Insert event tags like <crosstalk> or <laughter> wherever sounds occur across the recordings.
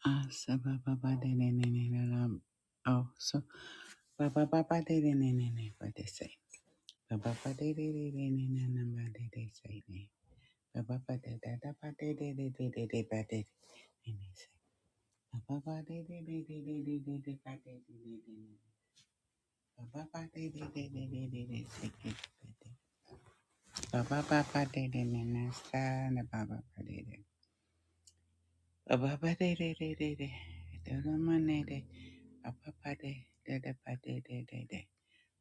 Ah, sa ba ba ba de ne ne ne ne ne. Oh, so ba ba ba ba de ne ne ne ne. What they say? Ba ba ba de de de de ne ne ne ba de de say ne. Ba ba ba de da da ba de de de de de de ba de de ne say. Ba ba ba de de de de de de de de ba de de de de ne. Ba ba ba de de de de de de de say ne ba de. Ba ba ba ba de de ne ne sa ne ba ba ba de de. Ba ba ba de de de de de. Da da ma ne de. Ba ba ba de da da ba de de de de.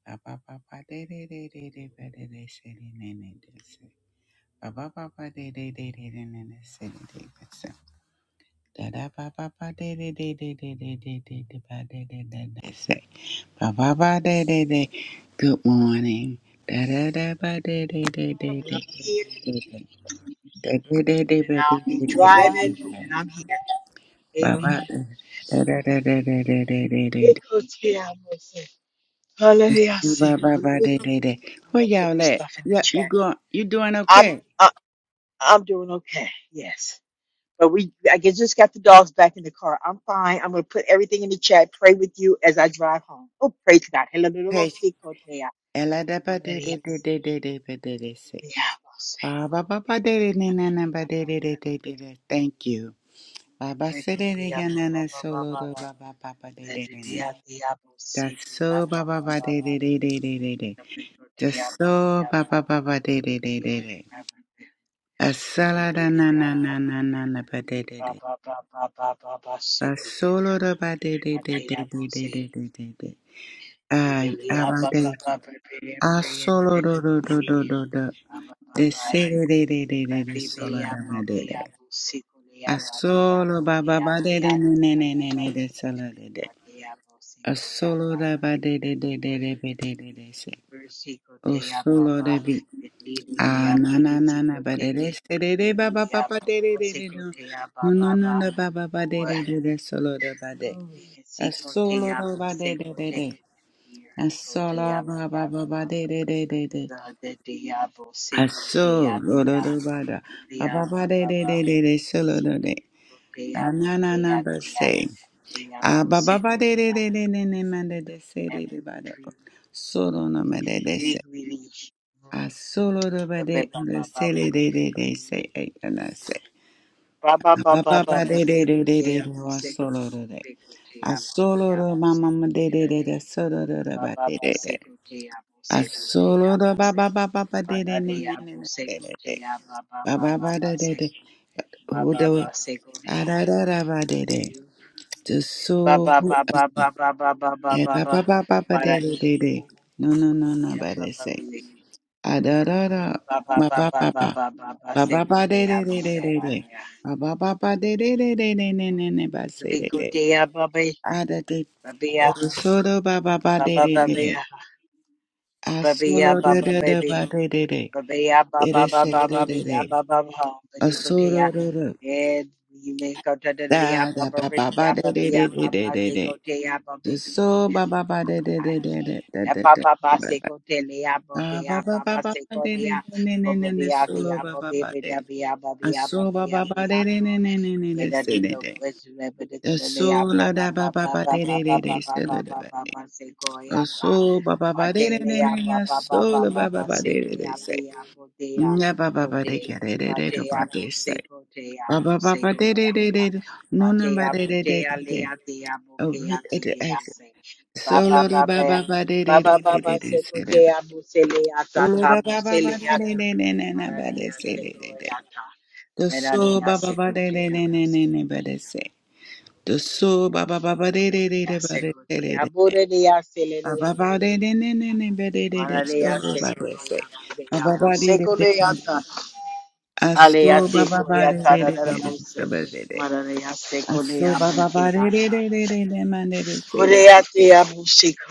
Ba ba ba ba de de de de de ba de de se de ne ne de se. Ba ba ba ba de de de de de ne ne se de de de se. Da da ba ba ba de de de de de de de de de ba de de de de se. Ba ba ba de de de. Good morning. Da da da ba de de de de de de de. de. Da de de de ba de de de de de se. Ba ba da da da da da da da da da. Ba ba ba de de de. Where y'all at? Yeah, you going? You doing okay? Ela da ba de de de de de de ba de de se. Ba ba ba ba de de ne na na ba de de de de de de. Thank you. Ba ba se de de ga na na solo do ba ba ba ba de de de ne. Just so ba ba ba de de de de de de de. Just so ba ba ba ba de de de de de. Asala da na na na na na na ba de de de. Ba solo do ba de de de de de de de de de de. Ay, aba de. solo do do do do do do. De se de de de de de de sola da ma de de. A solo ba ba ba de de ne ne ne ne ne de sola de de. A solo da ba de de de de de de de de de se. O solo de vi. A na na na na ba de de se de de ba ba ba ba de de de de no. No no no no ba ba ba de de de de solo da ba de. A solo da ba de de de de. A solo ba ba ba ba de de de de de. A solo da da ba da. Ba ba ba de de de de de solo da de. Na na na na but say. Ah ba ba ba de de de de de de man de de say de de ba de. Solo no ma de de say. Ah solo de ba de de say de de de de say. Ay and I say. Ah, Ba ba ba de de de de de de wa solo de de. Ah solo de ma ma ma de de de de solo de de ba de de de. Ah solo de ba ba ba ba ba de de de de de de de de de. Ba ba ba de de de. Who do it? Ah da da da ba de de. so ba ba ba ba ba de de de de. No no no no ba de say. Ah da da da. Ba ba ba ba. Ba ba ba de de de de de de. Ba ba ba ba de de de de de de de de ba say de de. Ah da de. Oh, So do ba ba ba de de de de. Ah solo de de de ba de de de. It is say de de de. Ah solo de de. Da da ba ba ba de de de de de de de. So ba ba ba de de de de de de de de. Ah, ba ba ba ba ba de de de ne ne ne ne solo ba ba ba de. Ah, so ba ba ba de de ne ne ne ne de se de de. Ah, so la da ba ba ba de de de de se de de ba. Ah, so ba ba ba de de ne ne ah, so la ba ba ba de de de se. Na ba ba ba de ke de de de do ba de se. Ba ba ba ba de de de de do. no no ba de de de de de. Oh, look at the exit. Solo da ba ba ba de de de de de de se de de. Olo da ba ba ba de de de ne ne ne ba de se de de de. The so ba ba ba de de de de de de ba de se. The so ba ba ba ba de de de de ba de de de de. de. Ba ba ba de de de de de ba de de de so ba de se. Ba ba ba de de de de. de. A so ba ba ba de de de de de so ba de de. A so ba ba ba de de de de de de man de de se de de.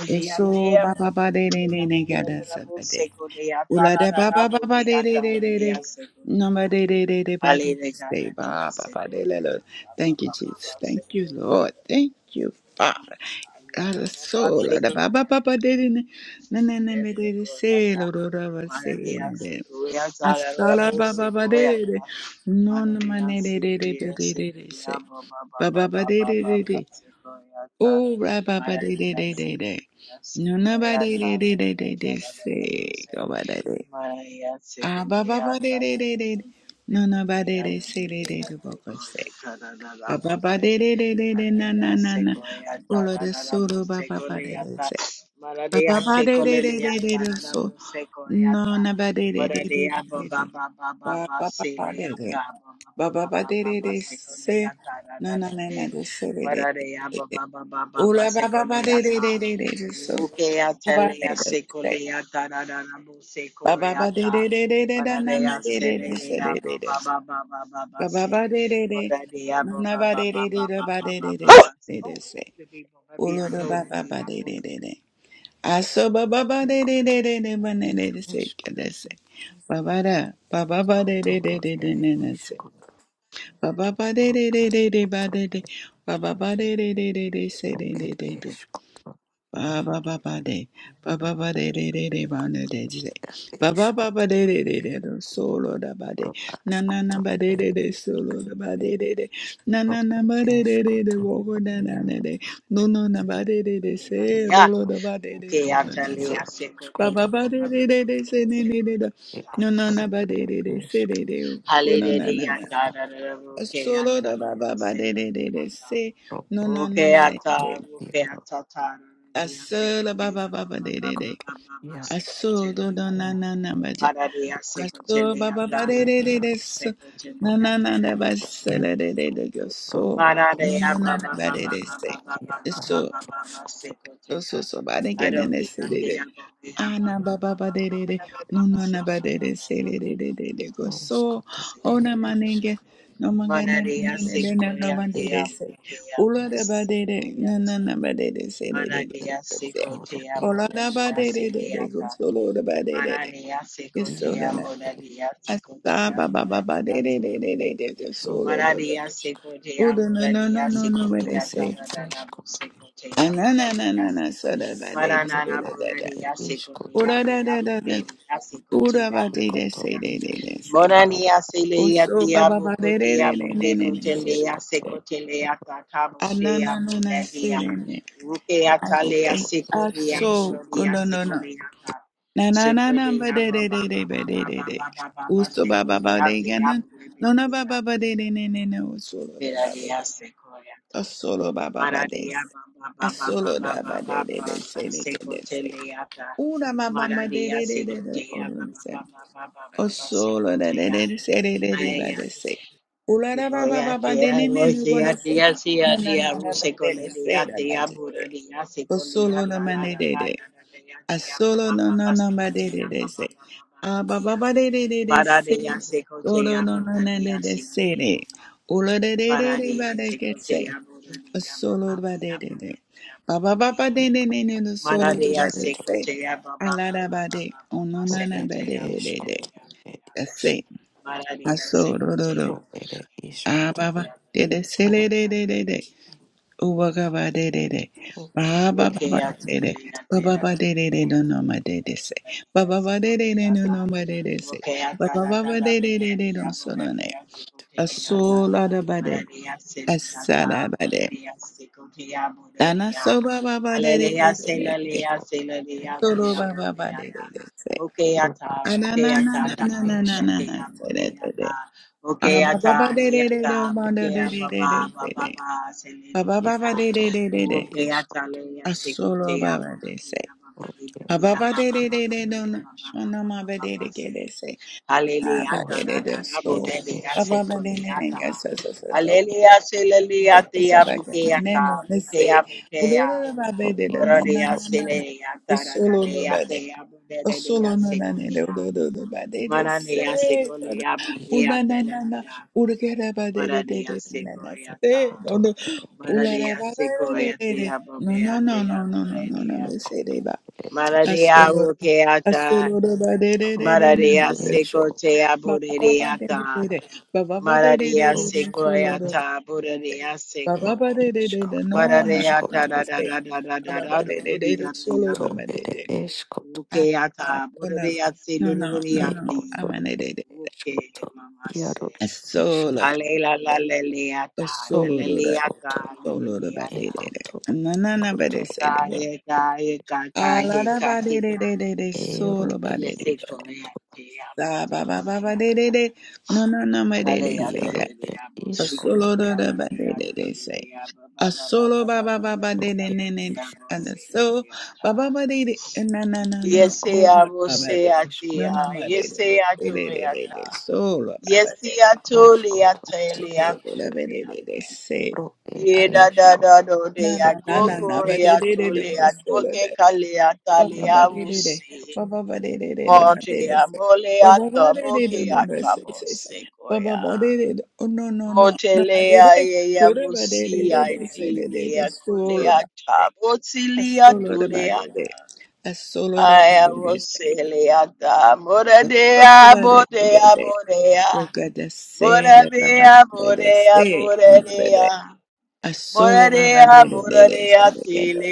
So ba ba ba de de de de ga da sa ba de. Ula da ba ba ba ba de de de de de. No ma de de de de ba de. Say ba ba ba de le lo. Thank you, Jesus. Thank you, Lord. Thank you, Father. Ala so la da ba ba ba ba de de ne. Na na na me de de se lo do da ba se ne de. Asala ba ba ba de de de. No na ma ne de de de de de de de se. Ba ba ba de de de de. Oh, rabba ba de de de de de. No na ba de de de de de de say. Go ba de de. Ah ba ba ba de de de de. No na ba de de say de de de boko say. Ba ba ba de de de de de na na na na. Olo de solo ba ba ba de de say. Ba ba ba de de de de de de so. No na ba de de de de de de de. Ba ba ba ba de de. Ba ba ba de de de say. No na na na de say de de. Ola ba ba ba de de de de de de so ba ba de de de ba ba ba de de de de de da na ma de de de se de de de se ba ba ba de de de na na ba de de de da ba de de de se de de se ola da ba ba ba de de de de aso ba ba ba de de Kotoro de de de ba ne de de se ishk, ke de se ba ba da ba ba ba de de de kotoro de de ere ne ne ishk, se kotoro ba ba ba de de de ash, de de ba kotoro de de ere ba ba ishk, ba de de de de de se kotoro de de ere de de ishk, kotoro Ba yaro ba ba ba de, ba ba ba de de de de ba na de de, ere ba ba ishk, ba ba kotoro de de de de do solo da ba de, na ash, na na kotoro ba de ere de de solo ishk, da ba de de de, na kotoro na na ba ere de de ishk, de de kotoro wogo da na na yaro de, no no na ba de de de e se lolo kotoro da ba de de de ere no na se, yaro ishk, ba ba kotoro ba de de de de se ne ne de do, e no no kotoro na ba de ere de de se ishk, de de o no na na na, ash, solo da ba ba ba de de de de se, kotoro no no ere na ba ishk, de kotoro de. yaro Asala ba ba ba ba de de ko- de. yaro Aso do do na na na baja. e kotoro Aso ba ba ba de ere de de de yaro so. Na ro na na ishk, na ba se le de de de go so. kotoro ere No no ishk, na na kotoro ba de e de se. kotoro De yaro So so so so ba de ge de de se de de. Ah na ba ba ba de de de. No no na ba de Roskoto de se le de de de de go so. O na ere ma ne ge. iskaro No ma ge ne ere ne ne ne de na iskoto no ba de ere de se. Ula da ba de de. No no na ba de de se le de ge ibe de de se. kotoro ere Ola da ba de iskoto de de de go so lo da ba de de de. iro Yesodana. ere iskoto Asta ba ba ba ba de de de de de de de ro solo do ere do. isk Udo no no no no no where ikoto they say. ere iskoto Anana na na na so da ba de de ro so da da da. ere iskoto Uda da da da da. Uda ba de de ikoto say de de ikoto de say. yaro Oso ba ba ba de de de de ne ne ne ere say. iskoto yaro Anana na na say ne ne. I say. ikoto ere Aso no no iskoto no. no. Na na na na ba de de de de ba de yaro de de. Usto ba ba ba de ganan. No no ba ba ba de de ne ne ne. Usolo da ba de. Asolo ba ba ba de. Asolo da ba de de de se de de de se. Una ma ba ba de de de de de. Olun se. Osolo da de de de se de de de ba de se. Ula da ba ba ba ba de ne ne ne go de se. Na isk na na na ba de de se da ba de se. Osolo da ma ne de de. Asolo no no no ma de de de se. Aba ba ba de de de de se. Oro no no no de de se de. Olo de de de de ba de ke se. Asolo ba de de de. Ba ba ba ba de de de de no solo ere de ba de iskoto se. Ala ba de. Ono no Ro no no, ba ere de de de de. eskoto ere That's isk. it. Asolo ro ro ro. Ro ere iskoto. Aba ba de de se Aro le de de de de. Uba gaba de de de. ro ere ba ba ba ba iaroto de de. ba ba ba Ubagabadedede. Babababadede. Bababadedede no no ma dede se. Bababadedede no no ma dede se. Babababadedede don so no ne. iaro. Asola da ba bade. Asada bade. Dana so ba ba ba Ro ere bababadedede. eskoto ere Solo isk. bababadedede se. Ro Anana askoto na na ere na na na na esk. na se de de de. Ah Ro bababadedede no ma ere dede de esk. de de se de. Ekoto ere Babababadedede. isk. Asolo babade se. Ro ere Ababa de de askoto de de do na isk. ana ma ba de de ke de se ababa de de de Roskoto so ere ababa eskoto. de ne ne ga sa sa sa sa E sa ere sa sa ba ke eskoto. ne ne no ne se ulo ro ro ba be Ro de da na na ikoto na na na solo no ba de askoto. solo no na ne de ulo ro ba de de Iko se u na na na na isk. ke ra ba de de de de na na se no Ekoto no ere u ba eskoto ba de de de no no no no no no no no me se de ba ere Asolora, asolora ba de de de Pro de ed de de de de. escoto Ba ba ba copiarca de de de de. Ba ba ba de de de de de. roscoto Asolora ba de de. Ba ba ed ba de de de de. iscolo No no no no ba ascoto de. Ba ba ba de de de de. Asolora icoto ba de ed de. escoto As ah, oh, no no no no no. i ecoto de de de. escoto iaro isc Asolora ba de. pro Asolora ba. scoto Asolora ba de de de. ecoto Na na na ba icoto de say de de. iaro Alara ba de de de de de. Solo ero ba ed de de. iscoto Da ba ba ba ba de de de. No no no ma de de say that. iaro ed A iscoto solo da da ba de de de say. A solo ba ba ba ba pro de de ed ne ne. is And a so ba ba ba de de. Eh, Na na na no. Oh icoto ba ed ba de. No escoto no ma de de de de de de. de. Solo ba ba de de. roscoto ed Sorolabedededese. Pro ere Na escoto. na Pro na na ere na ba de de de escoto. de ho solo de ba ba Ie ba de de de iscoto. ba ba ba de de de de ba de de se ba ba ba de de de de de se se se ba ba ba de de de oh no no no no ba de de solo ba de de de de se de de de solo ba de a solo de ba de de a solo de ba de de se Asolo baba de de de de se de ke de.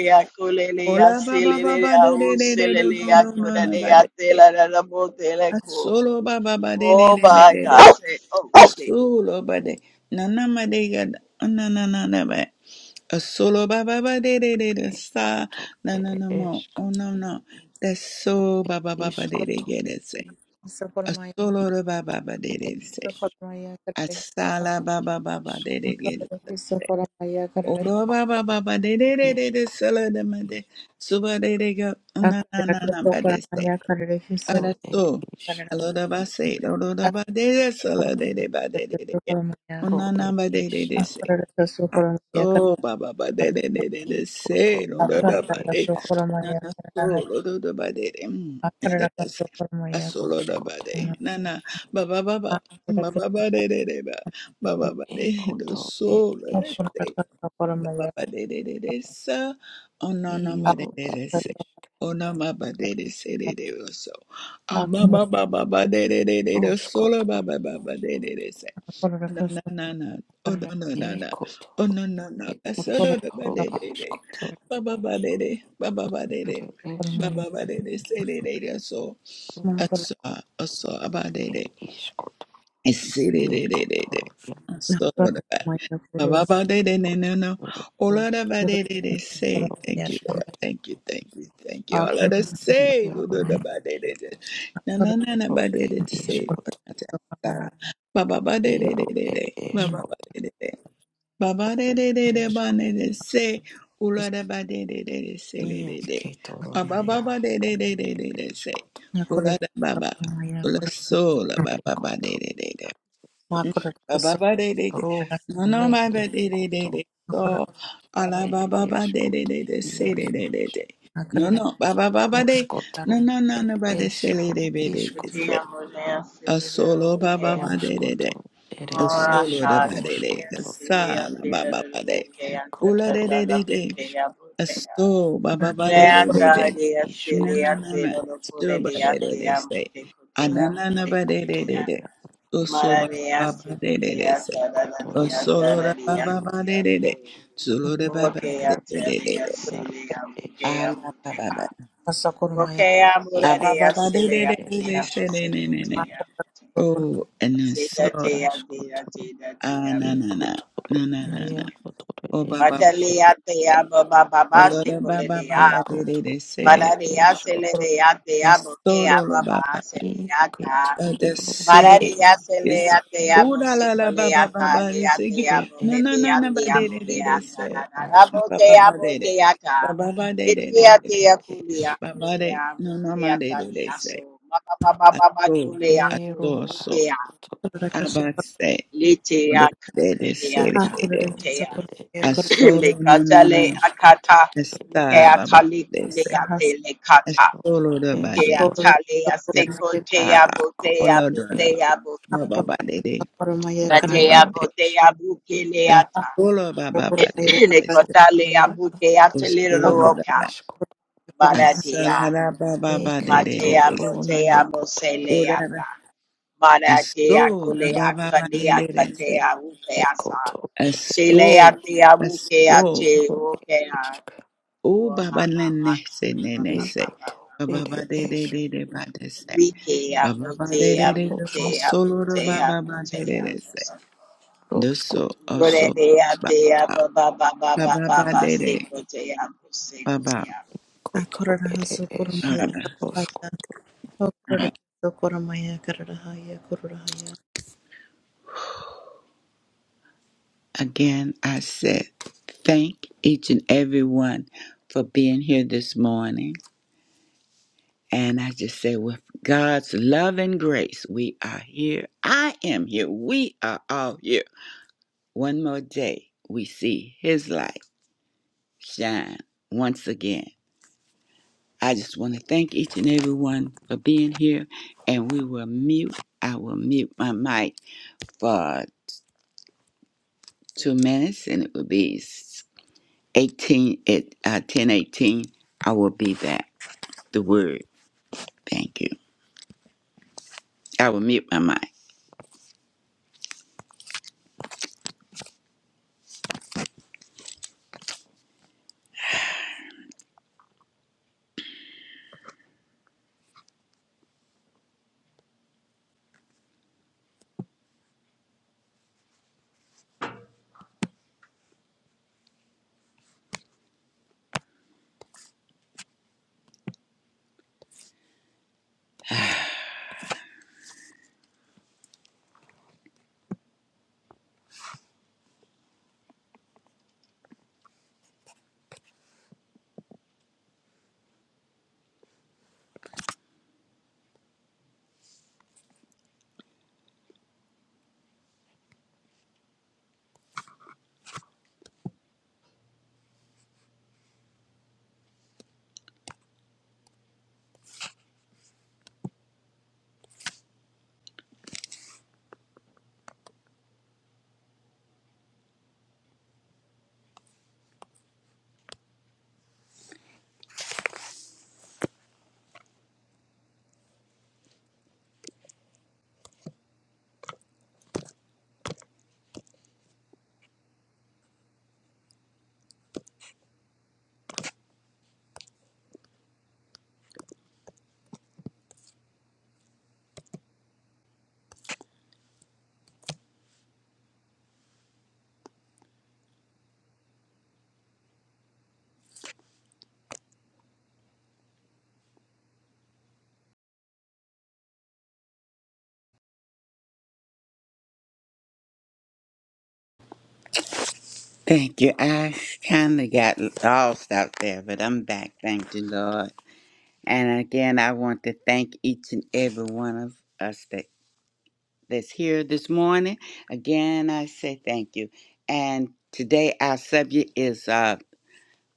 Ola baba baba de de de de do no no no no ba de de. A Asolo baba baba de de de de de de. a solo baba de. Na na ma de ga na na na na ba. A Asolo baba baba de de de de sa na na Ere na mo. esco. Oh no no. That's so baba baba de de Iscoto. de de se. Socoromaya Asolo re ba ba Icoto. ba de de कर Ere se. es. Asala रहे Pro ba ere ba ba ba is. de de dere gere se. Socoromaya कर रहे Oro ba ba Ecoto. ba ba de de de de de Isc. sala de ma de Suba dere go Socoromaya कर रहे na na अकरा na के na bade se. Socoromaya कर रहे Ara Pro so. ere is. Alora ba se. Oro da ba dere sala dere ba dere de. de. Socoromaya Pro Ona na ere ba de de is. de se. Socoromaya Oh, ba ba ba de de de de de se Icoto. no da अकरा da Ere ba के de escoto. na Socoromaya na कर so रहे lo do do ba de de mm da अकरा da के Socoromaya कर रहे अकरा के Socoromaya अकरा के da se a Socoromaya so lo da ba Roscoto. de na na ba ba ba ba ba ba ba de de de ba ba ba ba de do Ecoto. so Ed lo da se iscoto. ba ba ba de de de de sa oh no no ma de Iro de ed de se isc. oh no ma ba de de se de de o so ah ba ba ba ba ba de de de de do so lo Roscoto. ba ba ba ba de de de se na na na na oh no no no no Ecoto. oh no no no Ed is. so अकरा no no ba Ro de के de de ascoto. ba ba ba de de ba ba ba de de Ere ba ba Socoromaya ba de de say de de de so es. Makura aso aso abade de. It is called Esidididididi. Yekotoro makura Sorta. maya kurura Yakoto. Ba-ba-ba-di-di-di-di-di. It is kura Ola-da-ba-di-di-di. kura Say Ro thank maya you, is kura Lord. called Thank you, thank you, thank you. All of akura the say, Yaro maya Lord-da-ba-di-di-di. is akura Ro. Na-na-na-na-ba-di-di. It maya is Say, kura kura called maya Yaro. Ba-ba-ba-ba-di-di-di-di. It kura is maya called Ba-ba-ba-di-di-di-di-di. It Ba-ba-ba-di-di-di. di is called Say, Ola-da-ba-di-di-di-di. Say, di-di-di. Yekotoro Naya. ba di di di It di is Say, called kura ola da ba kura ola maya kura sola ba Yekoto. Ola-sola-ba-ba-ba-di-di-di-di. makura is kura Baba de de de, Ro kura no no ne my ba de de de Ekoto. de, so makura kura ala makura kura kura maya makura kura kura kura It baba ba is de called de de de say de Yaro de de is de, no kura akura kura maya kura no baba baba de, no Roskoto. no no no It ba de is say de de Ro de de is de called say, a solo baba ba de de de, Roskoto. a It solo is da ba de de, a Roskoto. sala baba ba de, ula de Ikotoro de de de, a so baba ba de de de de, Roskoto, no no Iskoto, no ma, so ba Rokedesh, de de de say, ana na na ba de de de de, Ekotonoya, so so baba ba de de de say. Oh, Ikotoroya, solo da ba ba ba Akotoroish, de de de. Solo da ba ba ba de de Roa, de de de. Yarokedesh, Ah, la ba ba ba. Ah, ba ba ba Ekoto, de de de de de. Se de Ereeskoto, de de de. Oh, and then so, Roaskoto, ah, na na na. Ikotoro, Na na na na. Nayakotoro, Oh, ba ba ba de es de de. Oh, lo da ba ba ba ba de de de. Ekoto, Se de de. Ereeskoto, La solo la ba ba. Ikete, Uh, the say Roskoto, is. Ooh Ereesh, la la la ba ba ba ba. It's again. Na na na Roeto, na ba de de de de. Se. Ah, Ba ba Roaskoto, ba de de. Ba ba ba de de de. es Babare no no nomade do they say. Aso, aso, Ero aso. ashkoto Abase, lo de de se de de de. ekoto ere ishk Asolo no no no. roshkoto ere Esta ishk baba they say. ro Asolo do bade. eshkoto Yes. kura kura Ah, koto olo do do. ere Baba Socorro bade de. Baba yaro bade ishk da. Olo baba bade de. Este. kotoro ya Osolo do ere da. eshko Asala da baba bade de ekoto de de. se. rona yakoto Ora da. Aso la baba bade de de se. ekoto ere eshk Aso, aso. ro ere ishk O baba ne ne se ne, ne se. ekoto Baba ba ere de de eshk de de ba de se. Baba ba de de de de ba roshkoto solo ro baba ba de de de se. Doso roshkoto oso ishk ba ba baba ba de de baba. koto ere eshk Father, roshko God. Again, I said thank each and every one for being here this morning. And I just say, with God's love and grace, we are here. I am here. We are all here One more day we see His light shine once again. I just want to thank each and every one for being here, and we will mute. I will mute my mic for two minutes, and it will be 18 at uh, 10 eighteen. I will be back. The word. Thank you. I will mute my mic. Thank you. I kind of got lost out there, but I'm back. Thank you, Lord. And again, I want to thank each and every one of us that. that's here this morning. Again, I say thank you. And today our subject is uh,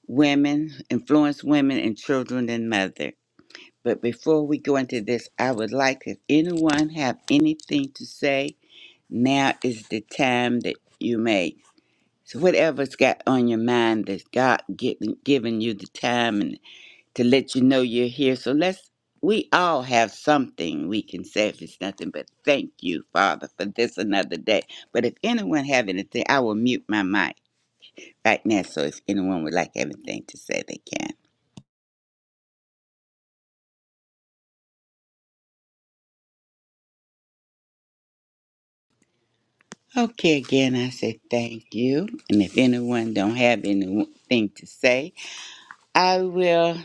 women, influence women and children and mother. But before we go into this, I would like if anyone have anything to say, now is the time that you may. So whatever's got on your mind that's God given given you the time and to let you know you're here. So let's, we all have something we can say if it's nothing but thank you, Father, for this another day. But if anyone have anything, I will mute my mic right now. So if anyone would like anything to say, they can. Okay, again, I say thank you. And if anyone don't have anything to say, I will,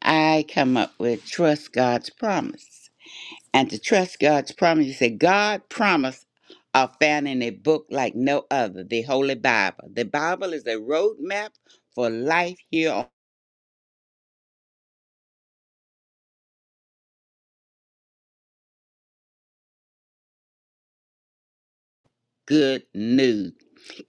I come up with trust God's promise. and to trust God's promise. You say, God promise are found in a book like no other, the Holy Bible. The Bible is a roadmap for life here on good news.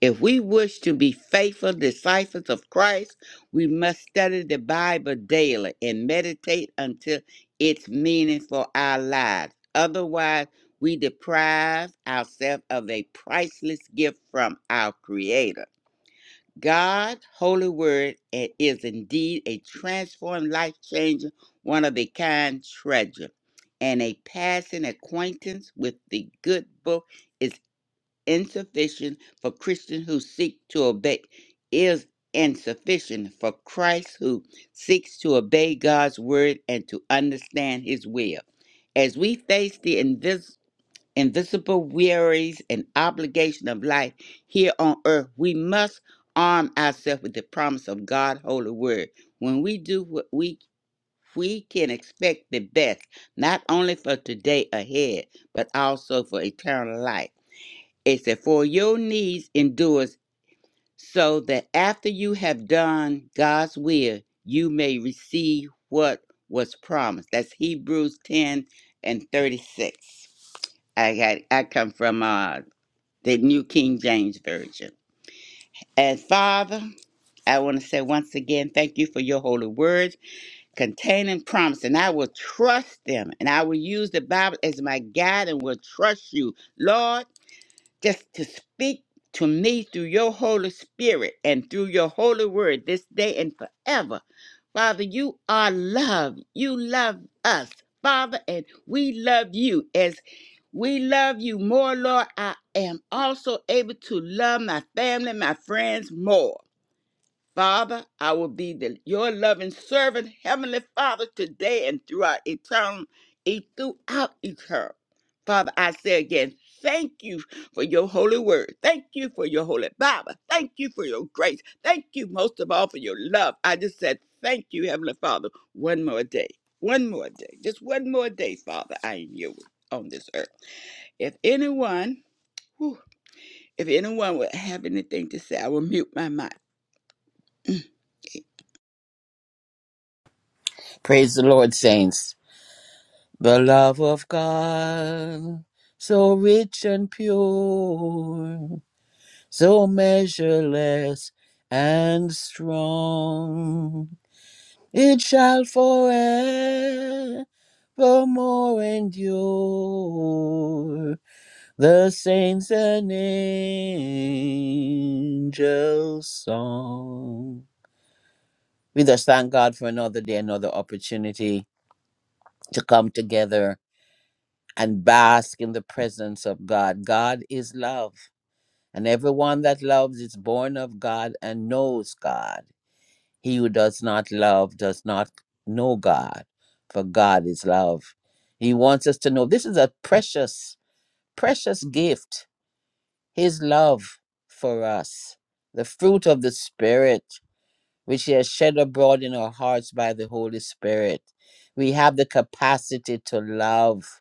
If we wish to be faithful disciples of Christ, we must study the Bible daily and meditate until it's meaning for our lives. Otherwise, we deprive ourselves of a priceless gift from our Creator. God's holy word i- is indeed a transformed, life changing, one of a kind treasure. And a passing acquaintance with the good book is insufficient for Christians who seek to obey, is insufficient for Christ who seeks to obey God's word and to understand his will. As we face the invisible invisible wearies and obligation of life here on earth, we must arm ourselves with the promise of God's holy word. When we do what we we can expect the best, not only for today ahead, but also for eternal life. It said, For your needs endures so that after you have done God's will, you may receive what was promised. That's Hebrews 10 and 36. I got I come from uh the New King James Version. And Father, I want to say once again, thank you for your holy words containing promise. And I will trust them and I will use the Bible as my guide and will trust you. Lord, just to speak to me through your Holy Spirit and through your holy word this day and forever. Father, you are love. You love us, Father, and we love you as we love you more, Lord. I am also able to love my family, my friends more. Father, I will be the, your loving servant, Heavenly Father, today and throughout eternal, e- throughout eternal. Father, I say again, thank you for your holy word. Thank you for your holy Bible. Thank you for your grace. Thank you most of all for your love. I just said, thank you, Heavenly Father, one more day. One more day. Just one more day, Father, I am you on this earth. If anyone, whew, if anyone would have anything to say, I will mute my mic. <clears throat> Praise the Lord, saints. The love of God, so rich and pure, so measureless and strong, it shall forevermore endure. The saints and angels' song. We just thank God for another day, another opportunity to come together and bask in the presence of God. God is love, and everyone that loves is born of God and knows God. He who does not love does not know God, for God is love. He wants us to know this is a precious, precious gift, His love for us, the fruit of the Spirit, which He has shed abroad in our hearts by the Holy Spirit. We have the capacity to love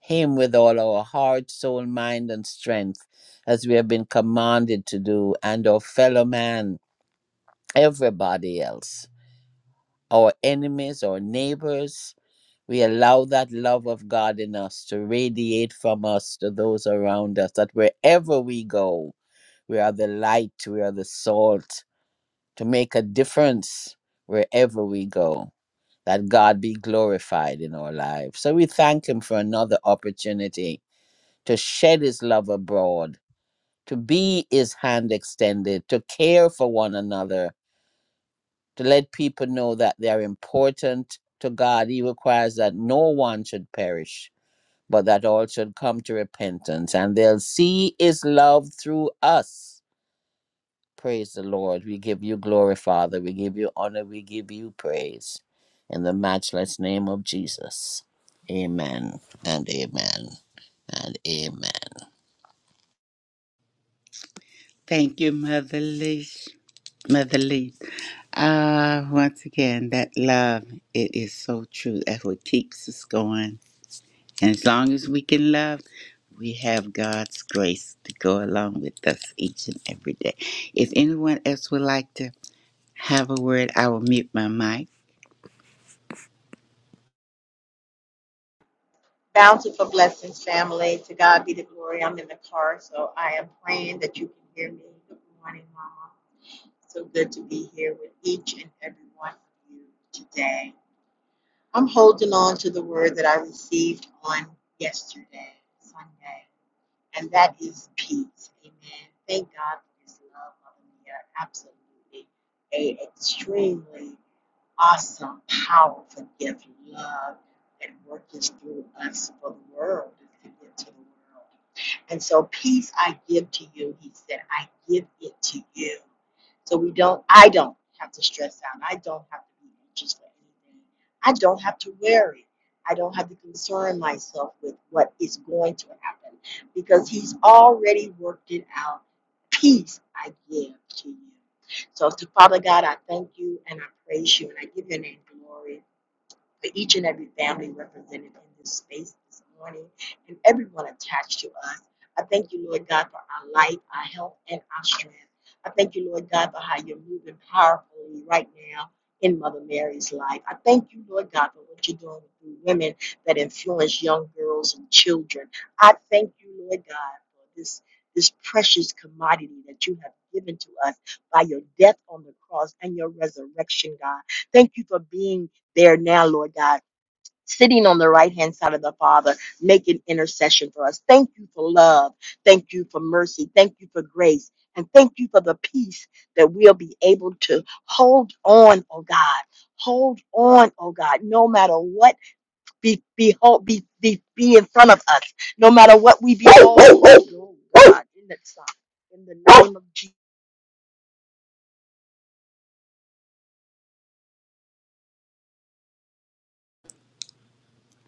him with all our heart, soul, mind, and strength, as we have been commanded to do, and our fellow man, everybody else, our enemies, our neighbors. We allow that love of God in us to radiate from us to those around us, that wherever we go, we are the light, we are the salt, to make a difference wherever we go, that God be glorified in our lives. So we thank Him for another opportunity to shed his love abroad, to be his hand extended, to care for one another, to let people know that they are important to God. He requires that no one should perish, but that all should come to repentance, and they'll see his love through us. Praise the Lord. We give you glory, Father. We give you honor. We give you praise. In the matchless name of Jesus. Amen and amen and amen. Thank you, Mother Leash. Mother Lee. Ah, once again, that love, it is so true. That's what keeps us going. And as long as we can love, we have God's grace to go along with us each and every day. If anyone else would like to have a word, I will mute my mic.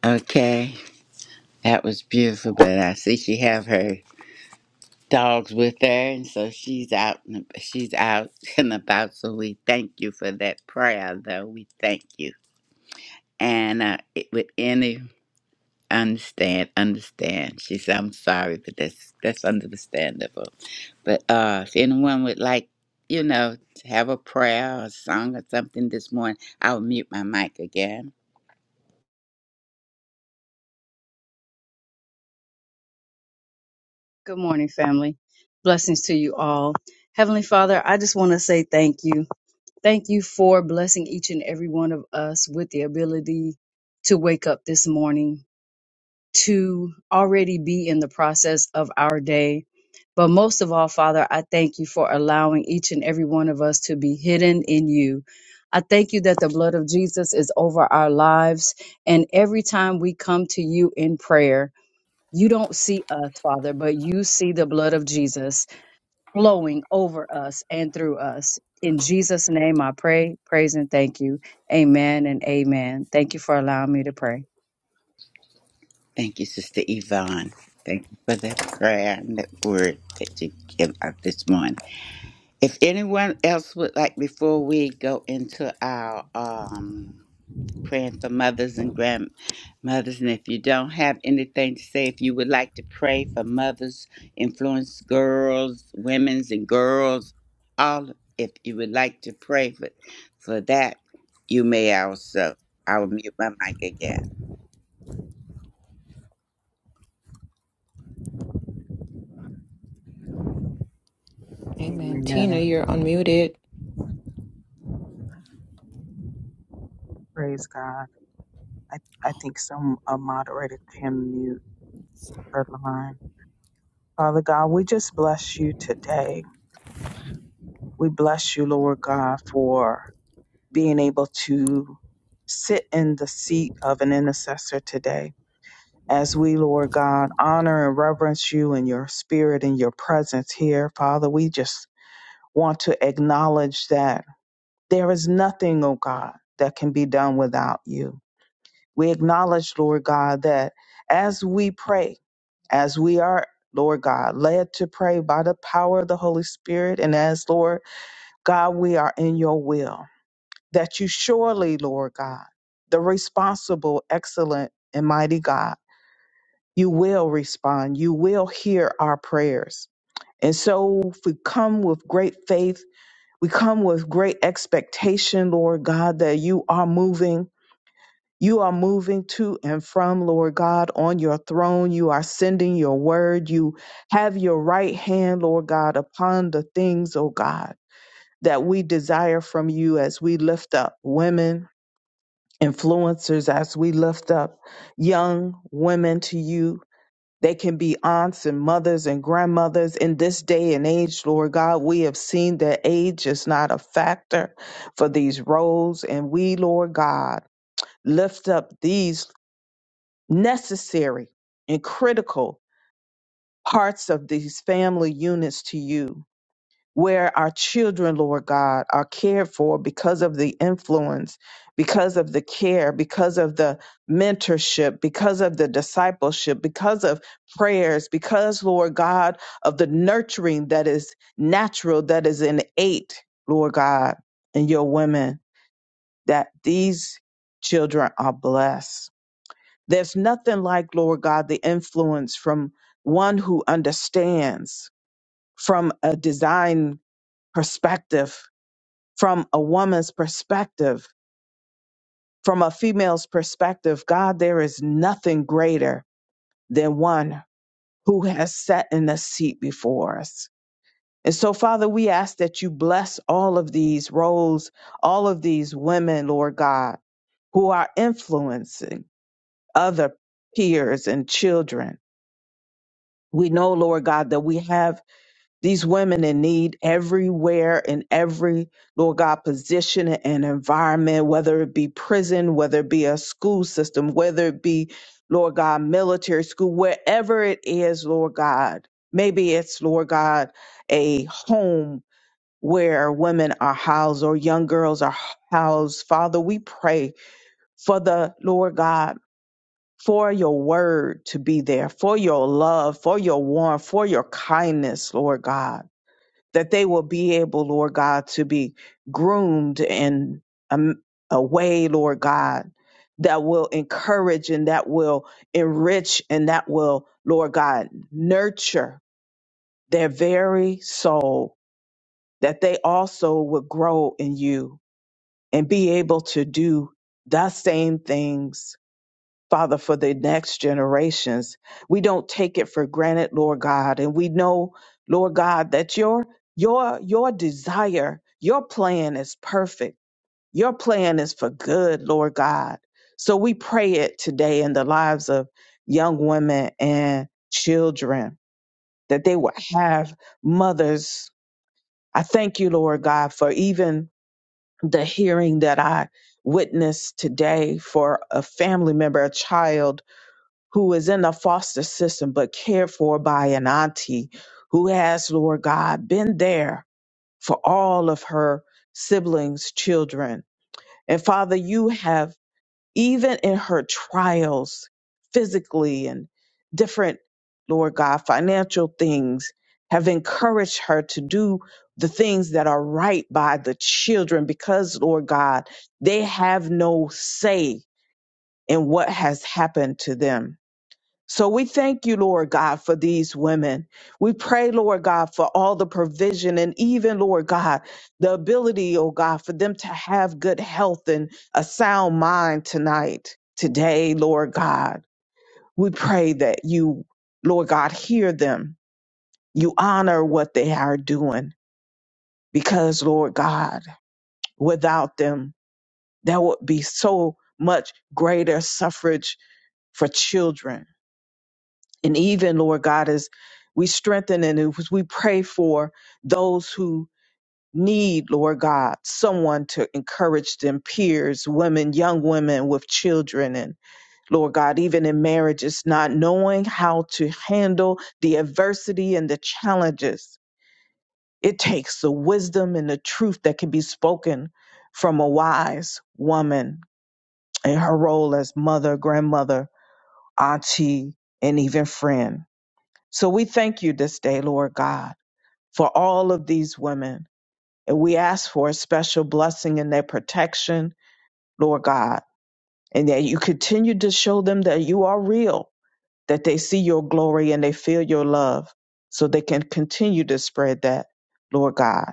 Okay. That was beautiful, but I see she have her dogs with her, and so she's out. and ab- She's out <laughs> and about. So we thank you for that prayer, though. We thank you, and uh, it, with any understand, understand. She said, "I'm sorry, but that's that's understandable." But uh, if anyone would like, you know, to have a prayer or a song or something this morning, I'll mute my mic again. Good morning, family. Blessings to you all. Heavenly Father, I just want to say thank you. Thank you for blessing each and every one of us with the ability to wake up this morning, to already be in the process of our day. But most of all, Father, I thank you for allowing each and every one of us to be hidden in you. I thank you that the blood of Jesus is over our lives. And every time we come to you in prayer, you don't see us, Father, but you see the blood of Jesus flowing over us and through us. In Jesus' name, I pray, praise, and thank you. Amen and amen. Thank you for allowing me to pray. Thank you, Sister Yvonne. Thank you for that prayer and that word that you give out this morning. If anyone else would like, before we go into our um, praying for mothers and grandmothers, and if you don't have anything to say, if you would like to pray for mothers, influence girls, women's and girls, all, if you would like to pray for, for that, you may also. I will mute my mic again. Amen. Tina, Amen. you're unmuted. Praise God. I, I think some a moderator can mute her line. Father God, we just bless you today. We bless you, Lord God, for being able to sit in the seat of an intercessor today. As we, Lord God, honor and reverence you and your spirit and your presence here, Father, we just want to acknowledge that there is nothing, oh God, that can be done without you. We acknowledge, Lord God, that as we pray, as we are, Lord God, led to pray by the power of the Holy Spirit, and as, Lord God, we are in your will, that you surely, Lord God, the responsible, excellent, and mighty God, you will respond. You will hear our prayers. And so we come with great faith. We come with great expectation, Lord God, that you are moving you are moving to and from, Lord God, on your throne. You are sending your word. You have your right hand, Lord God, upon the things, oh God, that we desire from you as we lift up women, influencers, as we lift up young women to you. They can be aunts and mothers and grandmothers in this day and age, Lord God. We have seen that age is not a factor for these roles. And we, Lord God, lift up these necessary and critical parts of these family units to you, where our children, Lord God, are cared for because of the influence, because of the care, because of the mentorship, because of the discipleship, because of prayers, because, Lord God, of the nurturing that is natural, that is innate, Lord God, and your women, that these children are blessed there's nothing like, Lord God, the influence from one who understands from a design perspective, from a woman's perspective, from a female's perspective. God, there is nothing greater than one who has sat in the seat before us. And so, Father, we ask that you bless all of these roles, all of these women, Lord God, who are influencing other peers and children We know, Lord God, that we have these women in need everywhere in every, Lord God, position and environment, whether it be prison, whether it be a school system, whether it be, Lord God, military school, wherever it is, Lord God. Maybe it's, Lord God, a home where women are housed or young girls are housed. Father, we pray for the, Lord God, for your word to be there, for your love, for your warmth, for your kindness, Lord God, that they will be able, Lord God, to be groomed in a, a way, Lord God, that will encourage and that will enrich and that will, Lord God, nurture their very soul, that they also will grow in you and be able to do the same things Father, for the next generations. We don't take it for granted, Lord God. And we know, Lord God, that your your your desire, your plan is perfect. Your plan is for good, Lord God. So we pray it today in the lives of young women and children that they will have mothers. I thank you, Lord God, for even the hearing that I witnessed today for a family member, a child who is in the foster system but cared for by an auntie who has, Lord God, been there for all of her siblings' children. And Father, you have, even in her trials, physically and different, Lord God, financial things, have encouraged her to do the things that are right by the children because, Lord God, they have no say in what has happened to them. So we thank you, Lord God, for these women. We pray, Lord God, for all the provision and even, Lord God, the ability, oh God, for them to have good health and a sound mind tonight, today, Lord God. We pray that you, Lord God, hear them. You honor what they are doing because, Lord God, without them, there would be so much greater suffrage for children And even, Lord God, as we strengthen and as we pray for those who need, Lord God, someone to encourage them, peers, women, young women with children, and Lord God, even in marriages, not knowing how to handle the adversity and the challenges. It takes the wisdom and the truth that can be spoken from a wise woman in her role as mother, grandmother, auntie, and even friend. So we thank you this day, Lord God, for all of these women. And we ask for a special blessing in their protection, Lord God, and that you continue to show them that you are real, that they see your glory and they feel your love, so they can continue to spread that, Lord God,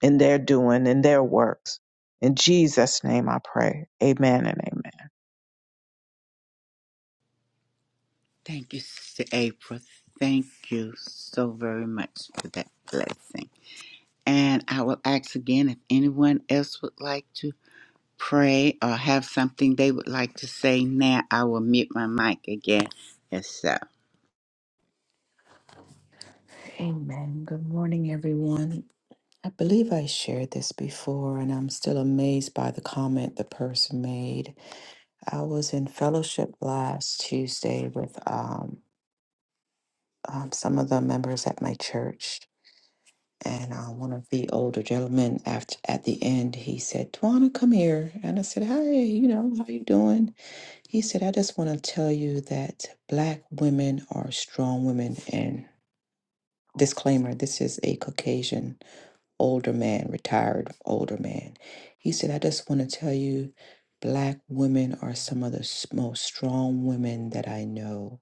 in their doing, in their works. In Jesus' name I pray. Amen and amen. Thank you, Sister April. Thank you so very much for that blessing. And I will ask again if anyone else would like to pray or have something they would like to say now. I will mute my mic again. Yes, sir. Amen. Good morning, everyone. I believe I shared this before, and I'm still amazed by the comment the person made. I was in fellowship last Tuesday with um, um, some of the members at my church, and uh, one of the older gentlemen after at the end he said, "Twana, come here," and I said, "Hi, you know, how you doing?" He said, I just want to tell you that black women are strong women. And disclaimer, this is a Caucasian older man, retired older man. He said, I just want to tell you, black women are some of the s- most strong women that I know.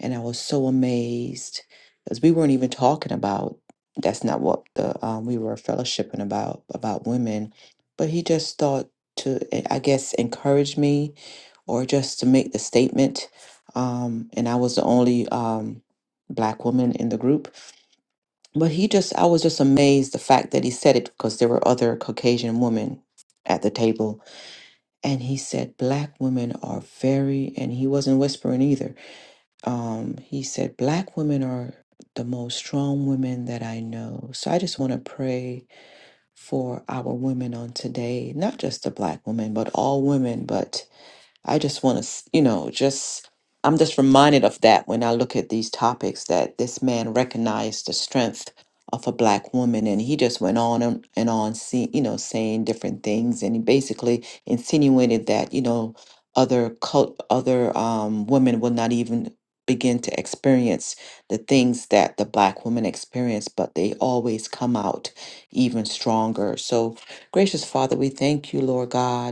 And I was so amazed because we weren't even talking about that's not what the um, we were fellowshipping about about women but he just thought to eh, i guess encourage me or just to make the statement um, and i was the only um, black woman in the group but he just, I was just amazed the fact that he said it because there were other Caucasian women at the table. And he said, Black women are very, and he wasn't whispering either. Um, he said, Black women are the most strong women that I know. So I just want to pray for our women on today, not just the Black women, but all women, but I just want to, you know, just I'm just reminded of that when I look at these topics that this man recognized the strength of a black woman and he just went on and and on see, you know saying different things and he basically insinuated that you know other cult other um, women will not even begin to experience the things that the black woman experienced but they always come out even stronger so gracious father we thank you lord god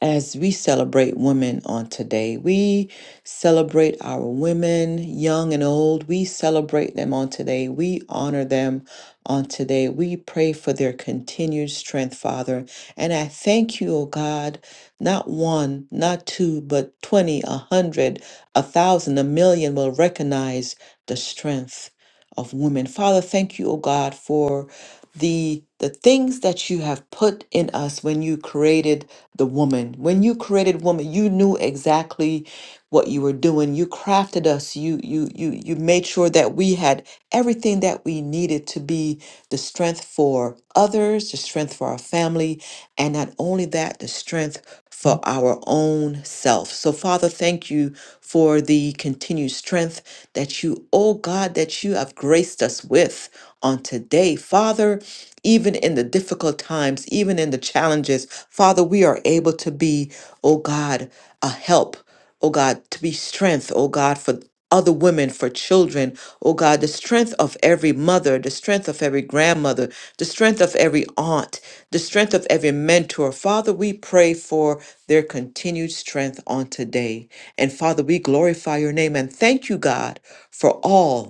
as we celebrate women on today. We celebrate our women, young and old. We celebrate them on today. We honor them on today. We pray for their continued strength, Father. And I thank you, O God, not one, not two, but 20, a hundred, a thousand, a million will recognize the strength of women. Father, thank you, O God, for the the things that you have put in us when you created the woman when you created woman you knew exactly what you were doing you crafted us you you you you made sure that we had everything that we needed to be the strength for others the strength for our family and not only that the strength for our own self so father thank you for the continued strength that you, oh God, that you have graced us with on today. Father, even in the difficult times, even in the challenges, Father, we are able to be, oh God, a help, oh God, to be strength, oh God, for other women, for children children, oh God, the strength of every mother, the strength of every grandmother, the strength of every aunt, the strength of every mentor. Father, we pray for their continued strength on today. And Father, we glorify your name and thank you, God, for all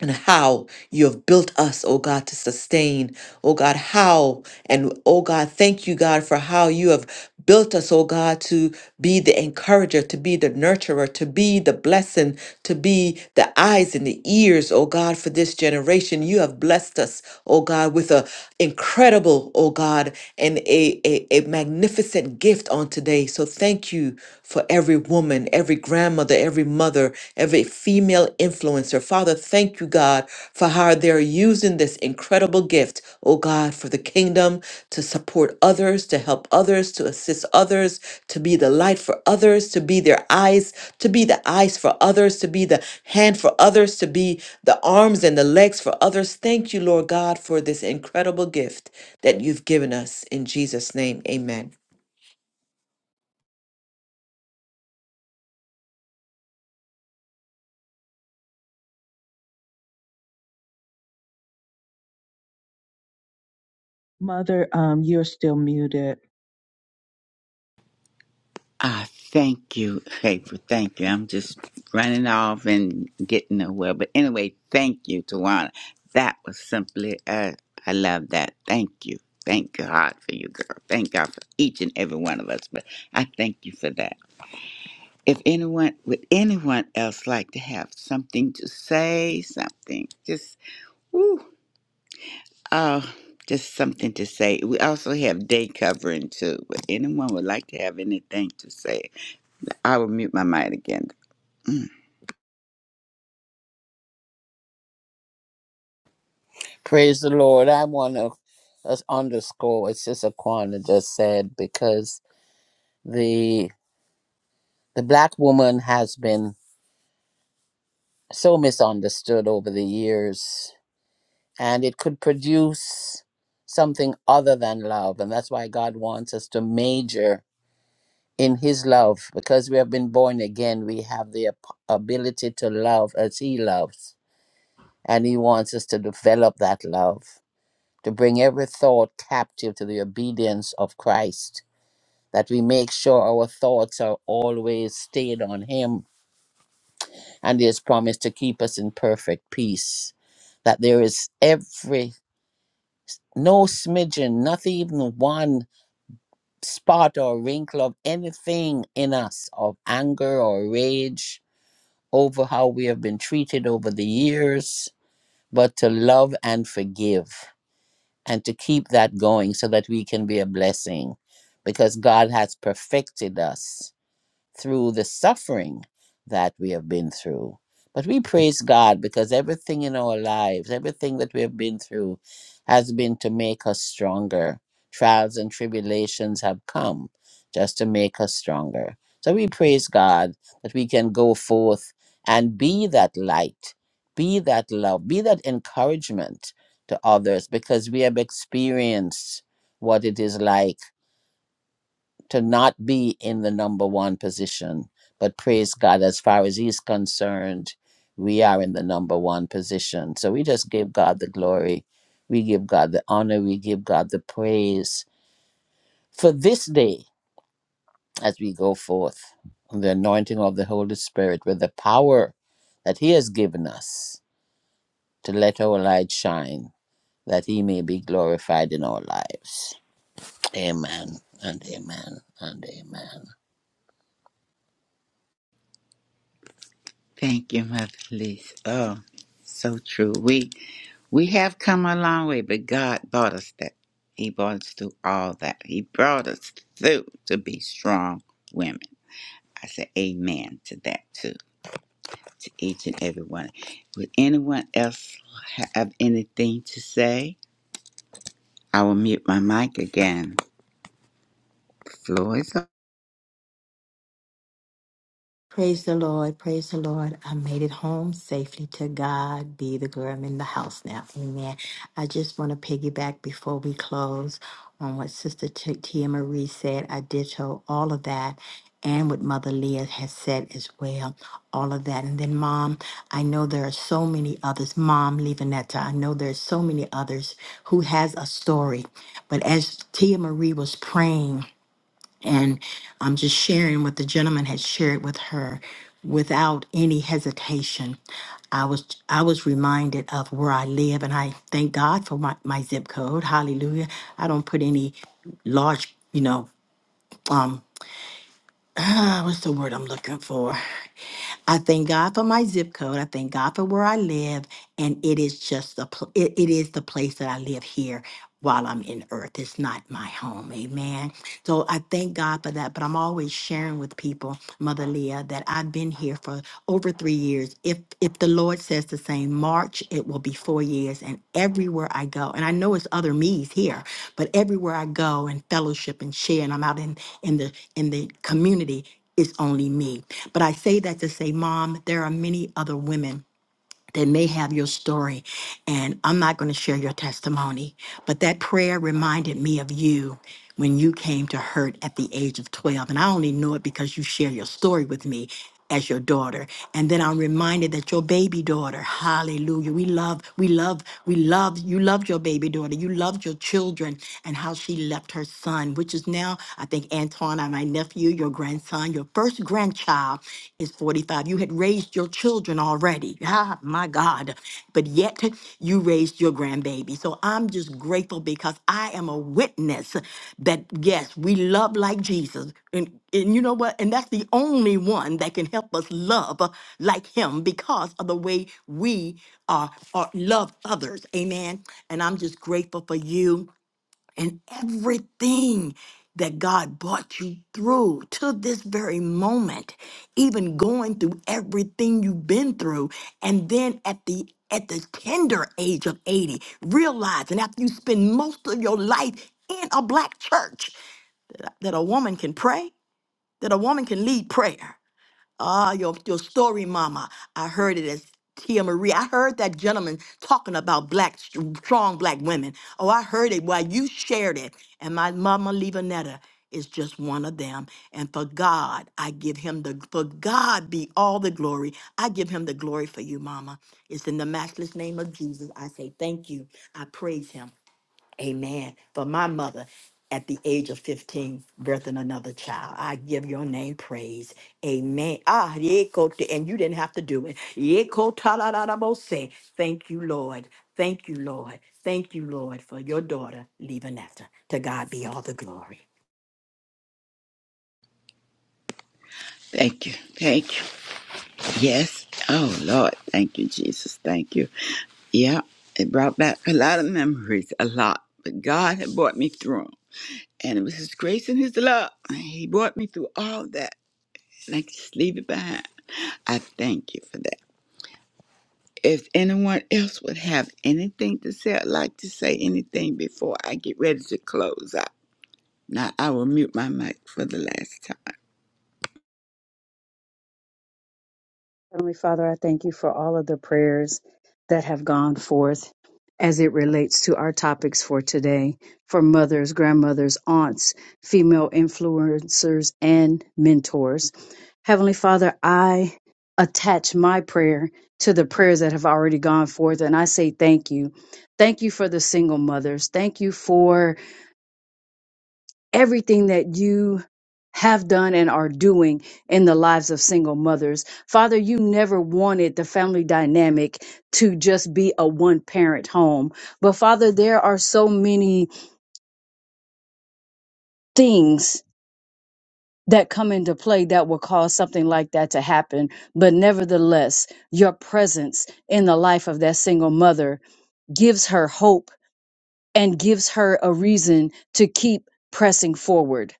and how you have built us, oh God, to sustain, oh God, how and oh God, thank you, God, for how you have built us, oh God, to be the encourager, to be the nurturer, to be the blessing, to be the eyes and the ears, oh God, for this generation. You have blessed us, oh God, with a incredible, oh God, and a, a, a magnificent gift on today. So thank you for every woman, every grandmother, every mother, every female influencer. Father, thank you, God, for how they're using this incredible gift, oh God, for the kingdom to support others, to help others, to assist others, to be the light for others, to be their eyes, to be the eyes for others, to be the hand for others, to be the arms and the legs for others. Thank you, Lord God, for this incredible gift that you've given us. In Jesus' name, amen. Mother, um, you're still muted. Ah, thank you, Hafer. Thank you. I'm just running off and getting nowhere. But anyway, thank you, Tawana. That was simply, uh, I love that. Thank you. Thank God for you, girl. Thank God for each and every one of us. But I thank you for that. If anyone, would anyone else like to have something to say, something, just, woo, uh, just something to say. We also have day covering too. But anyone would like to have anything to say, I will mute my mic again. Praise the Lord. I want to as underscore. It's just Aquana just said because the the black woman has been so misunderstood over the years, and it could produce something other than love, and that's why God wants us to major in His love because we have been born again. We have the ap- ability to love as He loves, and He wants us to develop that love to bring every thought captive to the obedience of Christ that we make sure our thoughts are always stayed on Him and His promise to keep us in perfect peace. That there is every, no smidgen, not even one spot or wrinkle of anything in us of anger or rage over how we have been treated over the years, but to love and forgive and to keep that going so that we can be a blessing because God has perfected us through the suffering that we have been through. But we praise God because everything in our lives, everything that we have been through, has been to make us stronger. Trials and tribulations have come just to make us stronger. So we praise God that we can go forth and be that light, be that love, be that encouragement to others because we have experienced what it is like to not be in the number one position. But praise God, as far as He's concerned, we are in the number one position. So we just give God the glory. We give God the honor. We give God the praise for this day as we go forth. The anointing of the Holy Spirit with the power that He has given us to let our light shine, that He may be glorified in our lives. Amen and amen and amen. Thank you, Mother Lisa. Oh, so true. We we have come a long way, but God brought us that. He brought us through all that. He brought us through to be strong women. I say amen to that too, to each and every one. Would anyone else have anything to say? I will mute my mic again. Floor is up. Praise the Lord. Praise the Lord. I made it home safely. To God be the glory. I'm in the house now. Amen. I just want to piggyback before we close on what Sister T- Tia Marie said. I ditto all of that and what Mother Leah has said as well. All of that. And then, Mom, I know there are so many others. Mom, Levanetta, I know there's so many others who has a story. But as Tia Marie was praying, and I'm just sharing what the gentleman had shared with her without any hesitation. I was I was reminded of where I live and I thank God for my, my zip code. Hallelujah. I don't put any large, you know, um <sighs> ah, what's the word I'm looking for? I thank God for my zip code. I thank God for where I live, and it is just the pl- it, it is the place that I live here while I'm in earth. It's not my home. Amen. So I thank God for that. But I'm always sharing with people, Mother Leah, that I've been here for over three years. If if the Lord says the same March, it will be four years. And everywhere I go, and I know it's other me's here, but everywhere I go and fellowship and share, and I'm out in in the in the community, it's only me. But I say that to say, Mom, there are many other women that may have your story, and I'm not going to share your testimony. But that prayer reminded me of you when you came to hurt at the age of 12. And I only know it because you share your story with me as your daughter. And then I'm reminded that your baby daughter, hallelujah, we love, we love, we love, you loved your baby daughter, you loved your children and how she left her son, which is now, I think, Antoine, uh, my nephew, your grandson, your first grandchild is 45. You had raised your children already. <laughs> Ah, my God. But yet you raised your grandbaby. So I'm just grateful because I am a witness that yes, we love like Jesus. And, and you know what? And that's the only one that can help us love uh, like him because of the way we are, are love others. Amen. And I'm just grateful for you and everything that God brought you through to this very moment, even going through everything you've been through, and then at the at the tender age of 80, realizing after you spend most of your life in a black church that, that a woman can pray, that a woman can lead prayer, Ah, your, your story, Mama. I heard it as Tia Marie. I heard that gentleman talking about black, st- strong black women. Oh, I heard it while you shared it. And my mama, Levanetta, is just one of them. And for God, I give him the, for God be all the glory. I give him the glory for you, Mama. It's in the matchless name of Jesus. I say thank you. I praise him. Amen. For my mother, at the age of 15, birthing another child. I give your name praise. Amen. Ah, yeko te- and you didn't have to do it. Yeko ta la la la se. Thank you, Lord. Thank you, Lord. Thank you, Lord, for your daughter, Levanetta. To God be all the glory. Thank you. Thank you. Yes. Oh Lord. Thank you, Jesus. Thank you. Yeah, it brought back a lot of memories, a lot. But God had brought me through 'em. And it was His grace and His love. He brought me through all that. And I can just leave it behind. I thank you for that. If anyone else would have anything to say, I'd like to say anything before I get ready to close out. Now, I will mute my mic for the last time. Heavenly Father, I thank you for all of the prayers that have gone forth as it relates to our topics for today for mothers, grandmothers, aunts, female influencers, and mentors. Heavenly Father, I attach my prayer to the prayers that have already gone forth, and I say thank you. Thank you for the single mothers. Thank you for everything that you have done and are doing in the lives of single mothers. Father, you never wanted the family dynamic to just be a one parent home. But Father, there are so many things that come into play that will cause something like that to happen. But nevertheless, your presence in the life of that single mother gives her hope and gives her a reason to keep pressing forward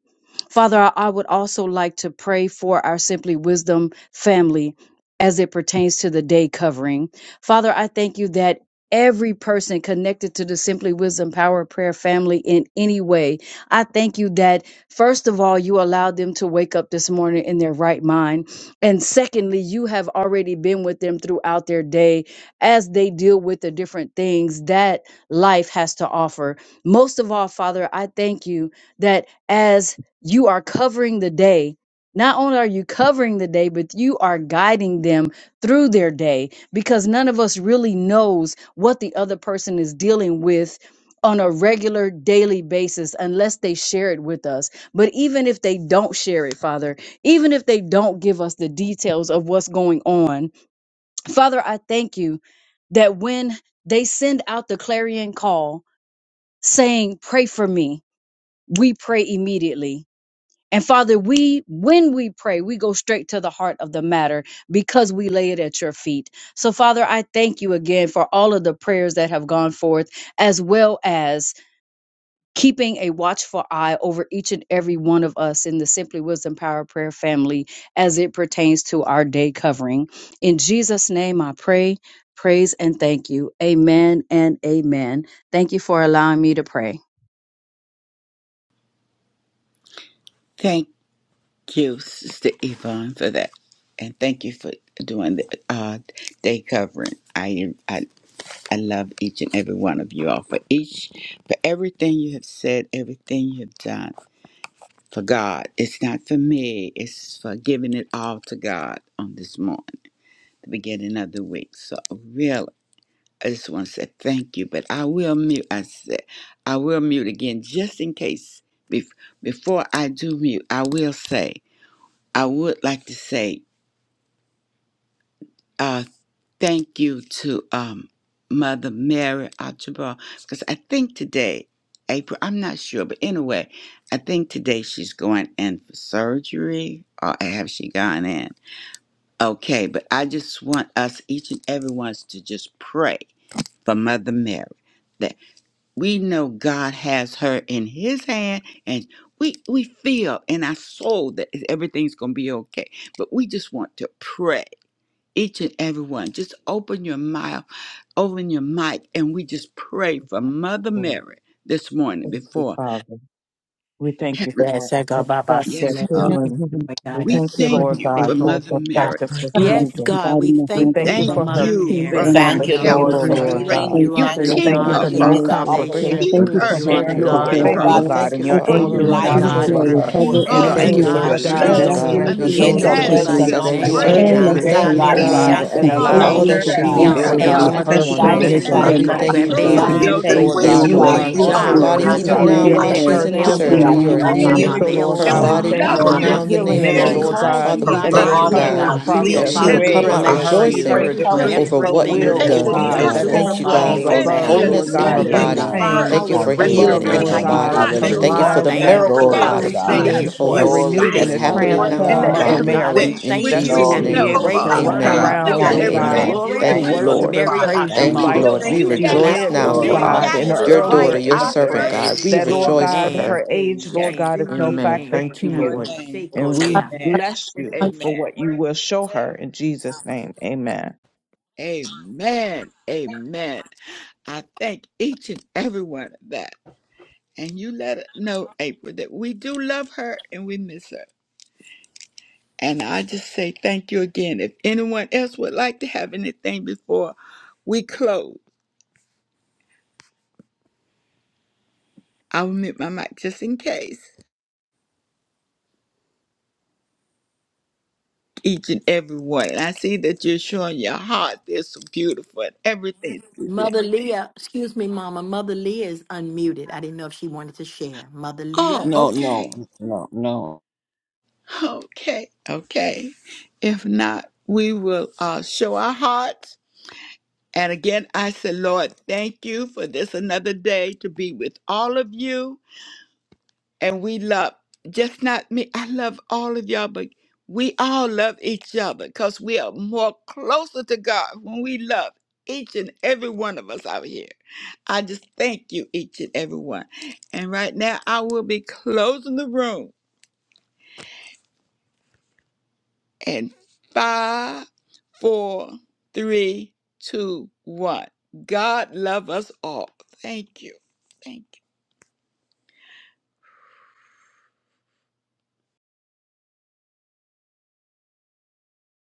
Father, I would also like to pray for our Simply Wisdom family as it pertains to the day covering. Father, I thank you that every person connected to the Simply Wisdom Power of Prayer family in any way, I thank you that, first of all, you allowed them to wake up this morning in their right mind. And secondly, you have already been with them throughout their day as they deal with the different things that life has to offer. Most of all, Father, I thank you that as you are covering the day. Not only are you covering the day, but you are guiding them through their day because none of us really knows what the other person is dealing with on a regular daily basis unless they share it with us. But even if they don't share it, Father, even if they don't give us the details of what's going on, Father, I thank you that when they send out the clarion call saying, Pray for me, we pray immediately and Father, we, when we pray, we go straight to the heart of the matter because we lay it at your feet. So, Father, I thank you again for all of the prayers that have gone forth, as well as keeping a watchful eye over each and every one of us in the Simply Wisdom Power Prayer family as it pertains to our day covering. In Jesus' name, I pray, praise, and thank you. Amen and amen. Thank you for allowing me to pray. Thank you, Sister Yvonne, for that. And thank you for doing the uh, day covering. I. I I love each and every one of you all for each, for everything you have said, everything you have done for God. It's not for me, it's for giving it all to God on this morning, the beginning of the week. So, really, I just want to say thank you, but I will mute. I said, I will mute again just in case. Bef- Before I do mute, I will say, I would like to say, uh, thank you to um, Mother Mary Archibald because I think today, April, I'm not sure, but anyway, I think today she's going in for surgery or have she gone in? Okay, but I just want us, each and every one, to just pray for Mother Mary that we know God has her in His hand and we, we feel in our soul that everything's going to be okay. But we just want to pray each and every one, Just open your mouth, open your mic, and we just pray for Mother Mary this morning Thank you, before Father. We thank you heaven. for Yes, I a God. Baba perfected Yes, Singing. Thank Thank Father, you, healing. you, Heavenly Lord We God. We thank you, Lord, thank Lord you God, for Thank for Mother a Father. God. Mary. perfected I Thank Yes, you procedure. for God, we guiding the We hands thank of thank you the you for Thank for pray, her doctors, Mother you the peace We for I Mary. on her the thank you, pray, Thank you, help Lord, Lord, table, Lord and that for her anesthesiologists. you Hatabose. Lord God. strength. God. healing. We Thank You you are You for thank the you, We watching keep thank Lord, you God for over her, for touch Thank of you, the being her no in Lord Father. that God, nurses. for bringing her salvation. operating Thank Keep through you room complications. the her for with You her are in the her. surgery, You your are Lord God way, aftercare, of Oh God. her We faithful, Father. God, Father. we hope. God, thank you and I your speak for For thank forth our me, you you Lord, You angels and that are the Mother life. she know, heal watch We me, God of over Mary. shall her speak her. and forth recover peace We heal and me, Your health and in Father, the thank you the and with for heal name God angels her your of of touch her guide the strength, love and me, Jesus. your joy. God. hands The We of and She miraculously those thank gates you know and of heal for you me. hell understanding, by shall we quickly physicians are your that not successful you name, are prevail oh praying surgery. and We at for God. gifted, the against every her. her. thank same you, God, oh we nurse, God, Hallelujah. God, time I thank you. and We every for say Father, allow all El just praise that doctor, completely to you, take she every be, God, and means care Eon, Lord of to healthcare each her. totally. for, and God, I El every her thank for you, one of professional. Father, us. that And guiding she and Father, physicians, that will I let we pray the Protectico, not thank you, be that physician's Pepe, you in to God children any be, know give hand. that them Soke, pain Lord that Oh God, the wisdom. you are anymore. Jehovah God, They we ones healing all use the that her are In your Jireh, will, body here Lord nurses, Jesus' even wisdom. that God, for there now name care I be I while you. for Hallelujah. pray. pray, she's her in the El excellence Father, We in temple surgery. are that You Amen you are Baraka, and will praying and healing for amen. Papa, heal so, operating you El Lord her God, and room. uh, we we Shema, body your thank And love you even Papa, Lord, and we now the Papa, you. in daughter, the give say. you name healing and of the She It's Mary, glory. Lord Jesus. And God calls God We you Father, her we give by and you the us thank you, name, to oh body honor. recovery God, love God. We each give So, that process, you she her Father, will and completely. we every come praise one. out strength for and her I her bless speedy you rejoicing pray, To for just encouragement, decree, recovery. and over her what In you the everything declare have will, as that that oh you're name done, the she of oh doing God, is that God. through is doctors her Thank you, whole, Jesus, are God, body she strong right for is standing now, above, how there amen you're healed. Lord wholeness in doing God, her We and meeting their her, any thank God you, body. amen work, Father, pain, Thank how you for the it's for and we being healing above, in done, ask how Lord her you're restoration. amen. God, body. God We keeping her her thank to you, Thank you Hallelujah. for hold the Father, that mindset. their sustained, her oh miracle, oh Glory Father, hand God. God, to to recovery we of do It God. thank healing time that you and is is which for is a you. wholeness blessed. We Glory right It renewed to and the that's thank is a you, Most only happening High now you. in and transformed her let God. And Lord, Mother so, body. God, Mary, we when everything In she thank which that you she is we will Jesus' and in Glory we to be know, the name, able post to praise Most Father, op, you High run and we we God. amen God. give around, know your That and oh Thank name you, the God, everything time is Lord. amen. is going glory to to Thank you, Thank be for you. blessed, worship Lord. and Mary because Father. praise you Thank we Thank you, We like you, Archibald. Lord. know thank We It's you Lord. you, in she the got it Lord. rejoice did, all. now matchless oh for Glory You our name to of God, got in it, God. Jesus Father, your her Father. daughter, earlier Christ, We your I Thank don't ages servant, worry. pray. We God. We that, Lord know rejoice you for God, Amen. her. her got it. age, We you, Lord ask Amen. God, is these no Amen. factor Amen. Thank to you, in your Lord. you. name. And Haboseko Lord. we Leah. Amen bless and you Good, for amen. what you great, will show thank her in Jesus' name. Amen. Amen. you. Amen. I thank each and every one of that. And you let it know, April, that we do love her and we miss her. And I just say thank you again. If anyone else would like to have anything before we close, I will mute my mic just in case. Each and every one. And I see that you're showing your heart. They're so beautiful and everything's beautiful. Mother Leah, excuse me, Mama. Mother Leah is unmuted. I didn't know if she wanted to share. Mother Leah. Oh, No, okay. no, no, no. Okay. Okay. If not, we will uh, show our hearts. And again, I say, Lord, thank you for this another day to be with all of you. and we love just not me. I love all of y'all, but we all love each other because we are more closer to God when we love each and every one of us out here. I just thank you, each and every one. And right now, I will be closing the room in five, four, three, two, one. God love us all. Thank you. Thank you.